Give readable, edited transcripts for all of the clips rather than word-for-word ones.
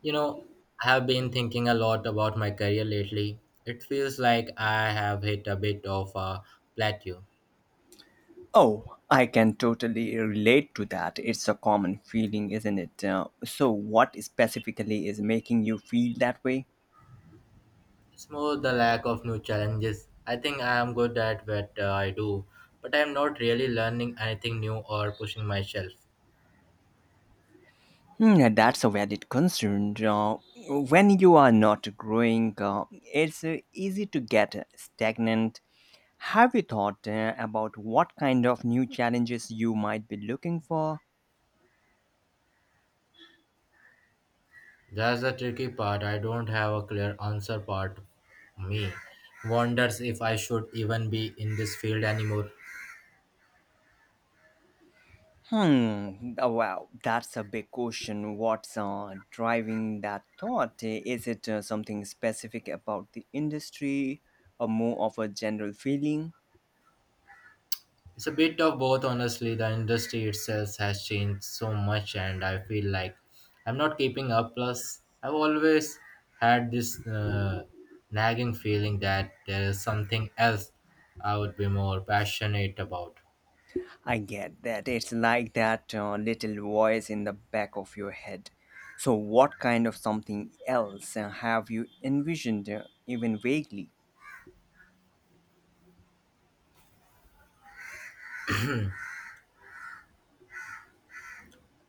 You know, I have been thinking a lot about my career lately. It feels like I have hit a bit of a plateau. Oh, I can totally relate to that. It's a common feeling, isn't it? So, what specifically is making you feel that way? It's more the lack of new challenges. I think I am good at what I do, but I am not really learning anything new or pushing myself. Hmm, that's a valid concern. When you are not growing, it's easy to get stagnant. Have you thought about what kind of new challenges you might be looking for? That's the tricky part. I don't have a clear answer part. Of Me wonders if I should even be in this field anymore. Hmm. Wow, that's a big question. What's driving that thought? Is it something specific about the industry, or more of a general feeling? It's a bit of both, honestly. The industry itself has changed so much, and I feel like I'm not keeping up. Plus, I've always had this nagging feeling that there is something else I would be more passionate about. I get that. It's like that little voice in the back of your head. So, what kind of something else have you envisioned, even vaguely?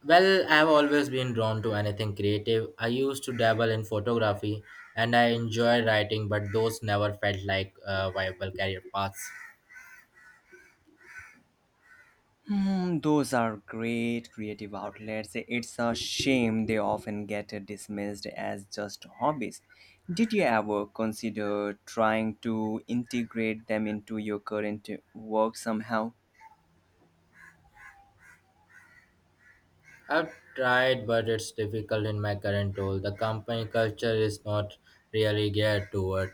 Well, I've always been drawn to anything creative. I used to dabble in photography and I enjoy writing, but those never felt like viable career paths. Hmm, those are great creative outlets. It's a shame they often get dismissed as just hobbies. Did you ever consider trying to integrate them into your current work somehow? I've tried, but it's difficult in my current role. The company culture is not really geared toward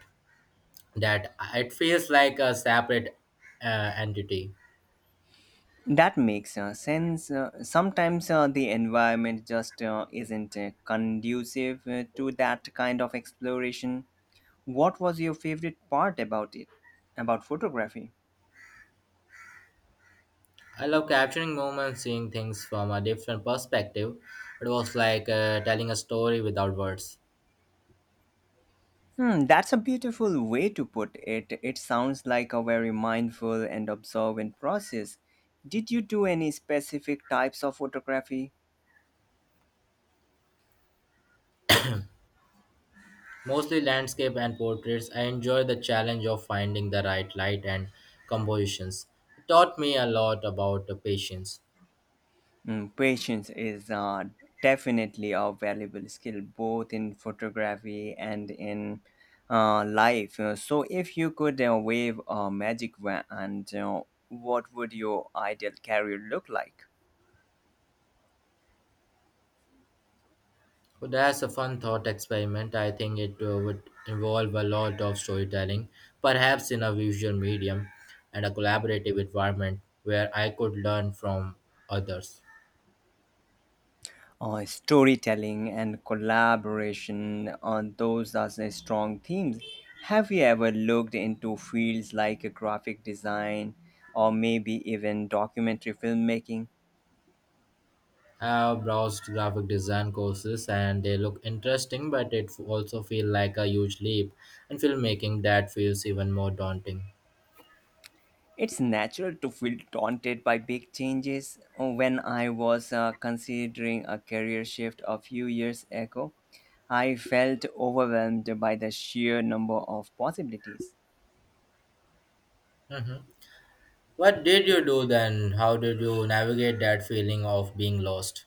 that. It feels like a separate entity. That makes sense. Sometimes the environment just isn't conducive to that kind of exploration. What was your favorite part about it, about photography? I love capturing moments, seeing things from a different perspective. It was like telling a story without words. Hmm, that's a beautiful way to put it. It sounds like a very mindful and observant process. Did you do any specific types of photography? Mostly landscape and portraits, I enjoy the challenge of finding the right light and compositions. It taught me a lot about the patience. Hmm, patience is definitely a valuable skill both in photography and in life. So, if you could wave a magic wand, what would your ideal career look like? But that's a fun thought experiment. I think it would involve a lot of storytelling, perhaps in a visual medium and a collaborative environment where I could learn from others. Storytelling and collaboration on those are the strong themes. Have you ever looked into fields like graphic design or maybe even documentary filmmaking? I've browsed graphic design courses and they look interesting, but it also feel like a huge leap in filmmaking that feels even more daunting. It's natural to feel daunted by big changes. When I was considering a career shift a few years ago, I felt overwhelmed by the sheer number of possibilities. Mhm. What did you do then? How did you navigate that feeling of being lost?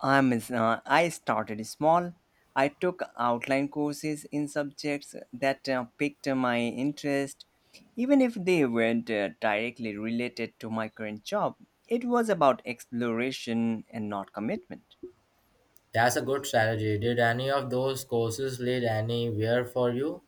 I started small. I took outline courses in subjects that piqued my interest, even if they weren't directly related to my current job. It was about exploration and not commitment. That's a good strategy. Did any of those courses lead anywhere for you?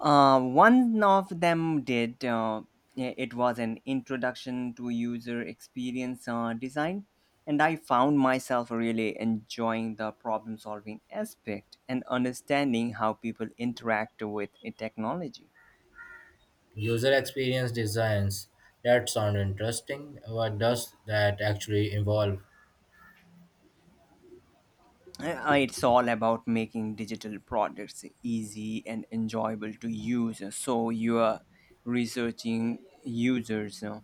One of them did. I- it was an introduction to user experience design, and I found myself really enjoying the problem solving aspect and understanding how people interact with a technology. User experience designs. That sounds interesting. What does that actually involve? It's all about making digital products easy and enjoyable to use. So you are researching users. You know,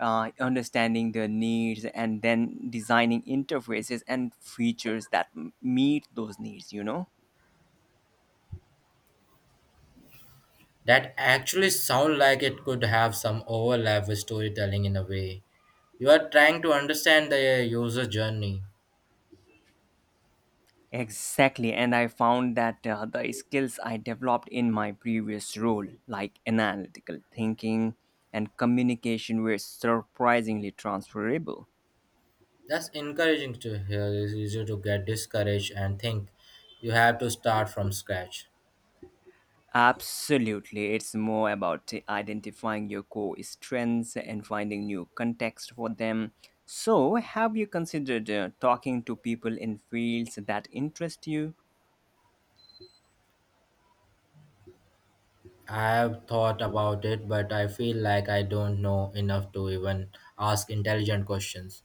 understanding their needs and then designing interfaces and features that meet those needs, you know. That actually sounds like it could have some overlap with storytelling in a way. You are trying to understand the user journey. Exactly, and I found that the skills I developed in my previous role, like analytical thinking and communication, were surprisingly transferable. That's encouraging to hear. It's easy to get discouraged and think you have to start from scratch. Absolutely. It's more about identifying your core strengths and finding new context for them. So, have you considered talking to people in fields that interest you? I've thought about it, but I feel like I don't know enough to even ask intelligent questions.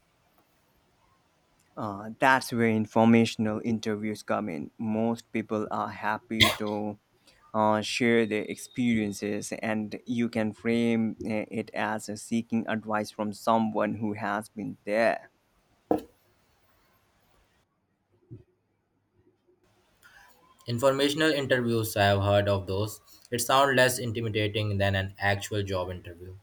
That's where informational interviews come in. Most people are happy to share their experiences, and you can frame it as seeking advice from someone who has been there. Informational interviews, I have heard of those. It sounds less intimidating than an actual job interview.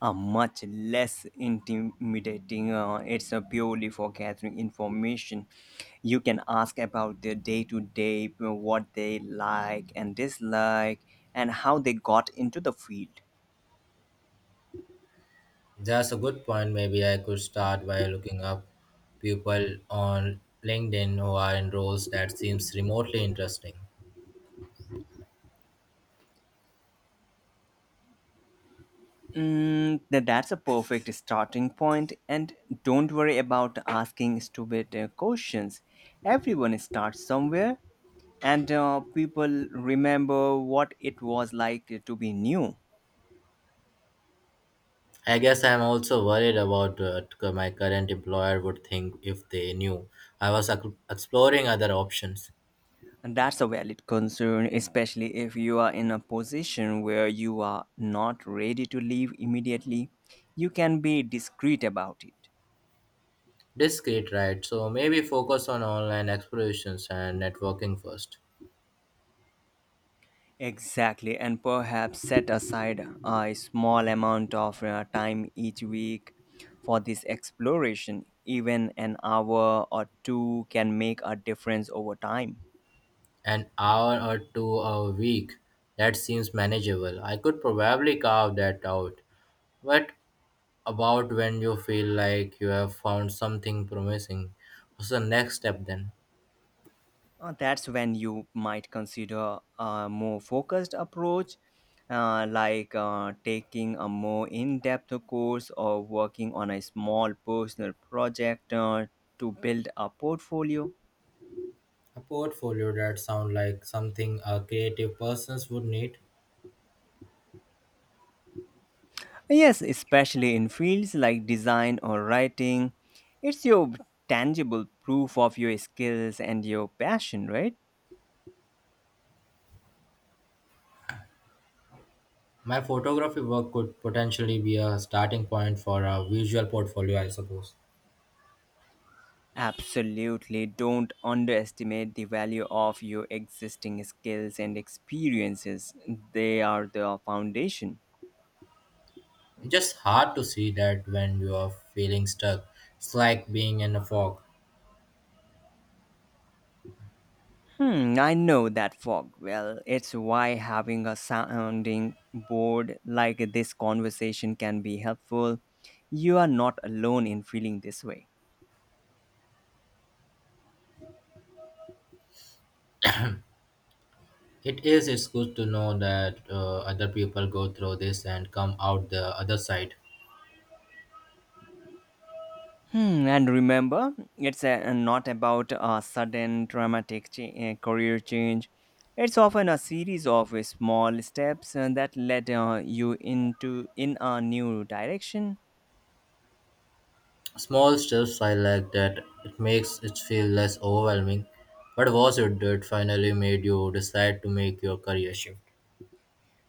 Are much less intimidating. It's purely for gathering information. You can ask about their day to day, what they like and dislike, and how they got into the field. That's a good point. Maybe I could start by looking up people on LinkedIn who are in roles that seems remotely interesting. That's a perfect starting point, and don't worry about asking stupid questions. Everyone starts somewhere, and people remember what it was like to be new. I guess I'm also worried about what my current employer would think if they knew I was exploring other options. And that's a valid concern, especially if you are in a position where you are not ready to leave immediately. You can be discreet about it. Discrete, right? So maybe focus on online explorations and networking first. Exactly, and perhaps set aside a small amount of time each week for this exploration. Even an hour or two can make a difference over time. An hour or two a week, that seems manageable. I could probably carve that out. What about when you feel like you have found something promising? What's the next step then? That's when you might consider a more focused approach, like taking a more in depth course or working on a small personal project to build a portfolio. A portfolio that sounds like something a creative persons would need. Yes, especially in fields like design or writing, it's your tangible proof of your skills and your passion, right? My photography work could potentially be a starting point for a visual portfolio, I suppose. Absolutely. Don't underestimate the value of your existing skills and experiences. They are the foundation. Just hard to see that when you are feeling stuck. It's like being in a fog. Hmm, I know that fog. Well, it's why having a sounding board like this conversation can be helpful. You are not alone in feeling this way. It is, it's good to know that other people go through this and come out the other side. Hmm, and remember, it's not about a sudden career change. It's often a series of small steps that led you into in a new direction. Small steps I like that it makes it feel less overwhelming. But was it that finally made you decide to make your career shift?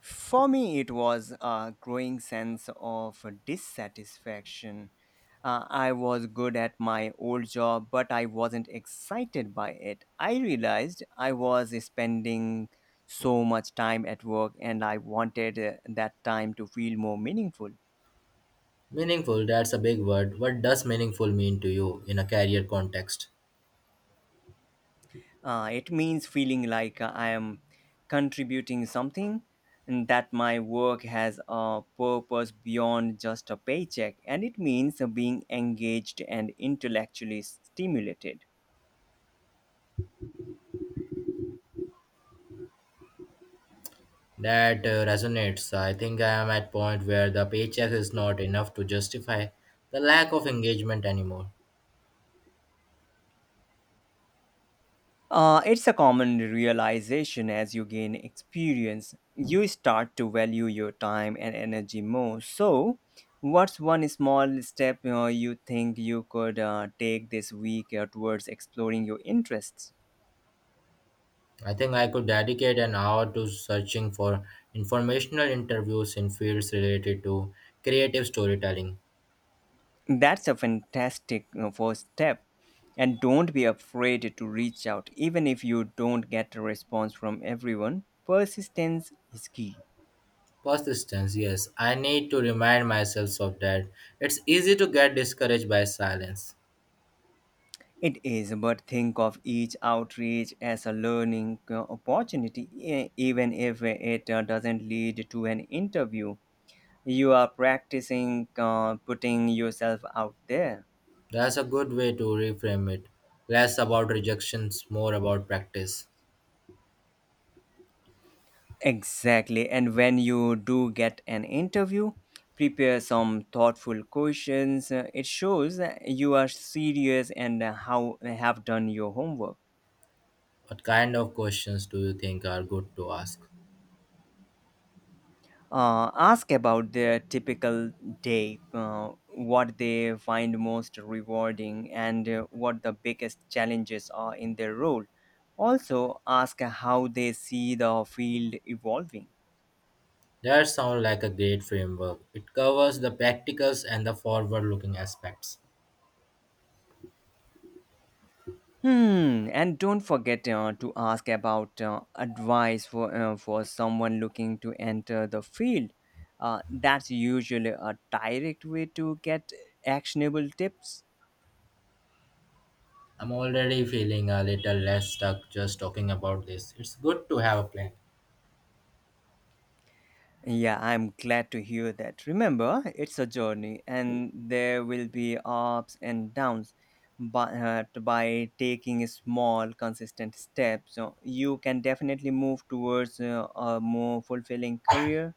For me, it was a growing sense of dissatisfaction. I was good at my old job, but I wasn't excited by it. I realized I was spending so much time at work and I wanted that time to feel more meaningful. Meaningful, that's a big word. What does meaningful mean to you in a career context? It means feeling like I am contributing something and that my work has a purpose beyond just a paycheck. And it means being engaged and intellectually stimulated. That resonates. I think I am at point where the paycheck is not enough to justify the lack of engagement anymore. It's a common realization as you gain experience. You start to value your time and energy more. So, what's one small step you think you could take this week towards exploring your interests? I think I could dedicate an hour to searching for informational interviews in fields related to creative storytelling. That's a fantastic first step. And don't be afraid to reach out, even if you don't get a response from everyone. Persistence is key. Persistence, yes. I need to remind myself of that. It's easy to get discouraged by silence. It is, but think of each outreach as a learning opportunity, even if it doesn't lead to an interview. You are practicing putting yourself out there. That's a good way to reframe it. Less about rejections, more about practice. Exactly. And when you do get an interview, prepare some thoughtful questions. It shows that you are serious and how have done your homework. What kind of questions do you think are good to ask? Ask about their typical day, what they find most rewarding, and what the biggest challenges are in their role. Also, ask how they see the field evolving. That sounds like a great framework. It covers the practicals and the forward looking aspects. Hmm. And don't forget to ask about advice for someone looking to enter the field. That's usually a direct way to get actionable tips. I'm already feeling a little less stuck just talking about this. It's good to have a plan. Yeah, I'm glad to hear that. Remember, it's a journey, and there will be ups and downs. But by taking small, consistent steps, you can definitely move towards a more fulfilling career.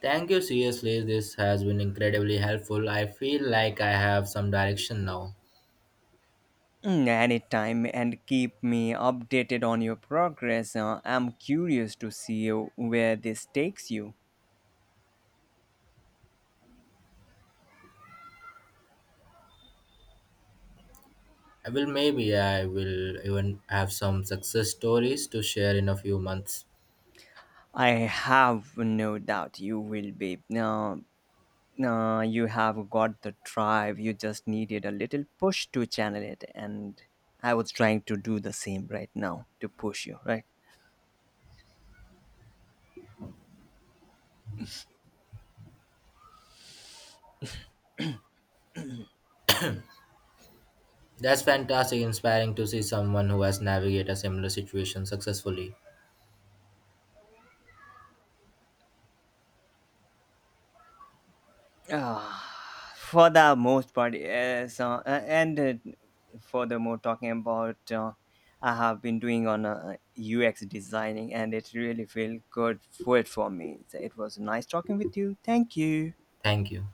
Thank you, seriously. This has been incredibly helpful. I feel like I have some direction now. Mm, anytime, and keep me updated on your progress. I'm curious to see where this takes you. I will maybe I will even have some success stories to share in a few months. I have no doubt you will be. No, no, you have got the drive. You just needed a little push to channel it, and I was trying to do the same right now to push you, right? That's fantastic, inspiring to see someone who has navigated a similar situation successfully. Ah, for the most part, yes. And Furthermore, talking about I have been doing on UX designing, and it really feel good for me. So it was nice talking with you. Thank you. Thank you.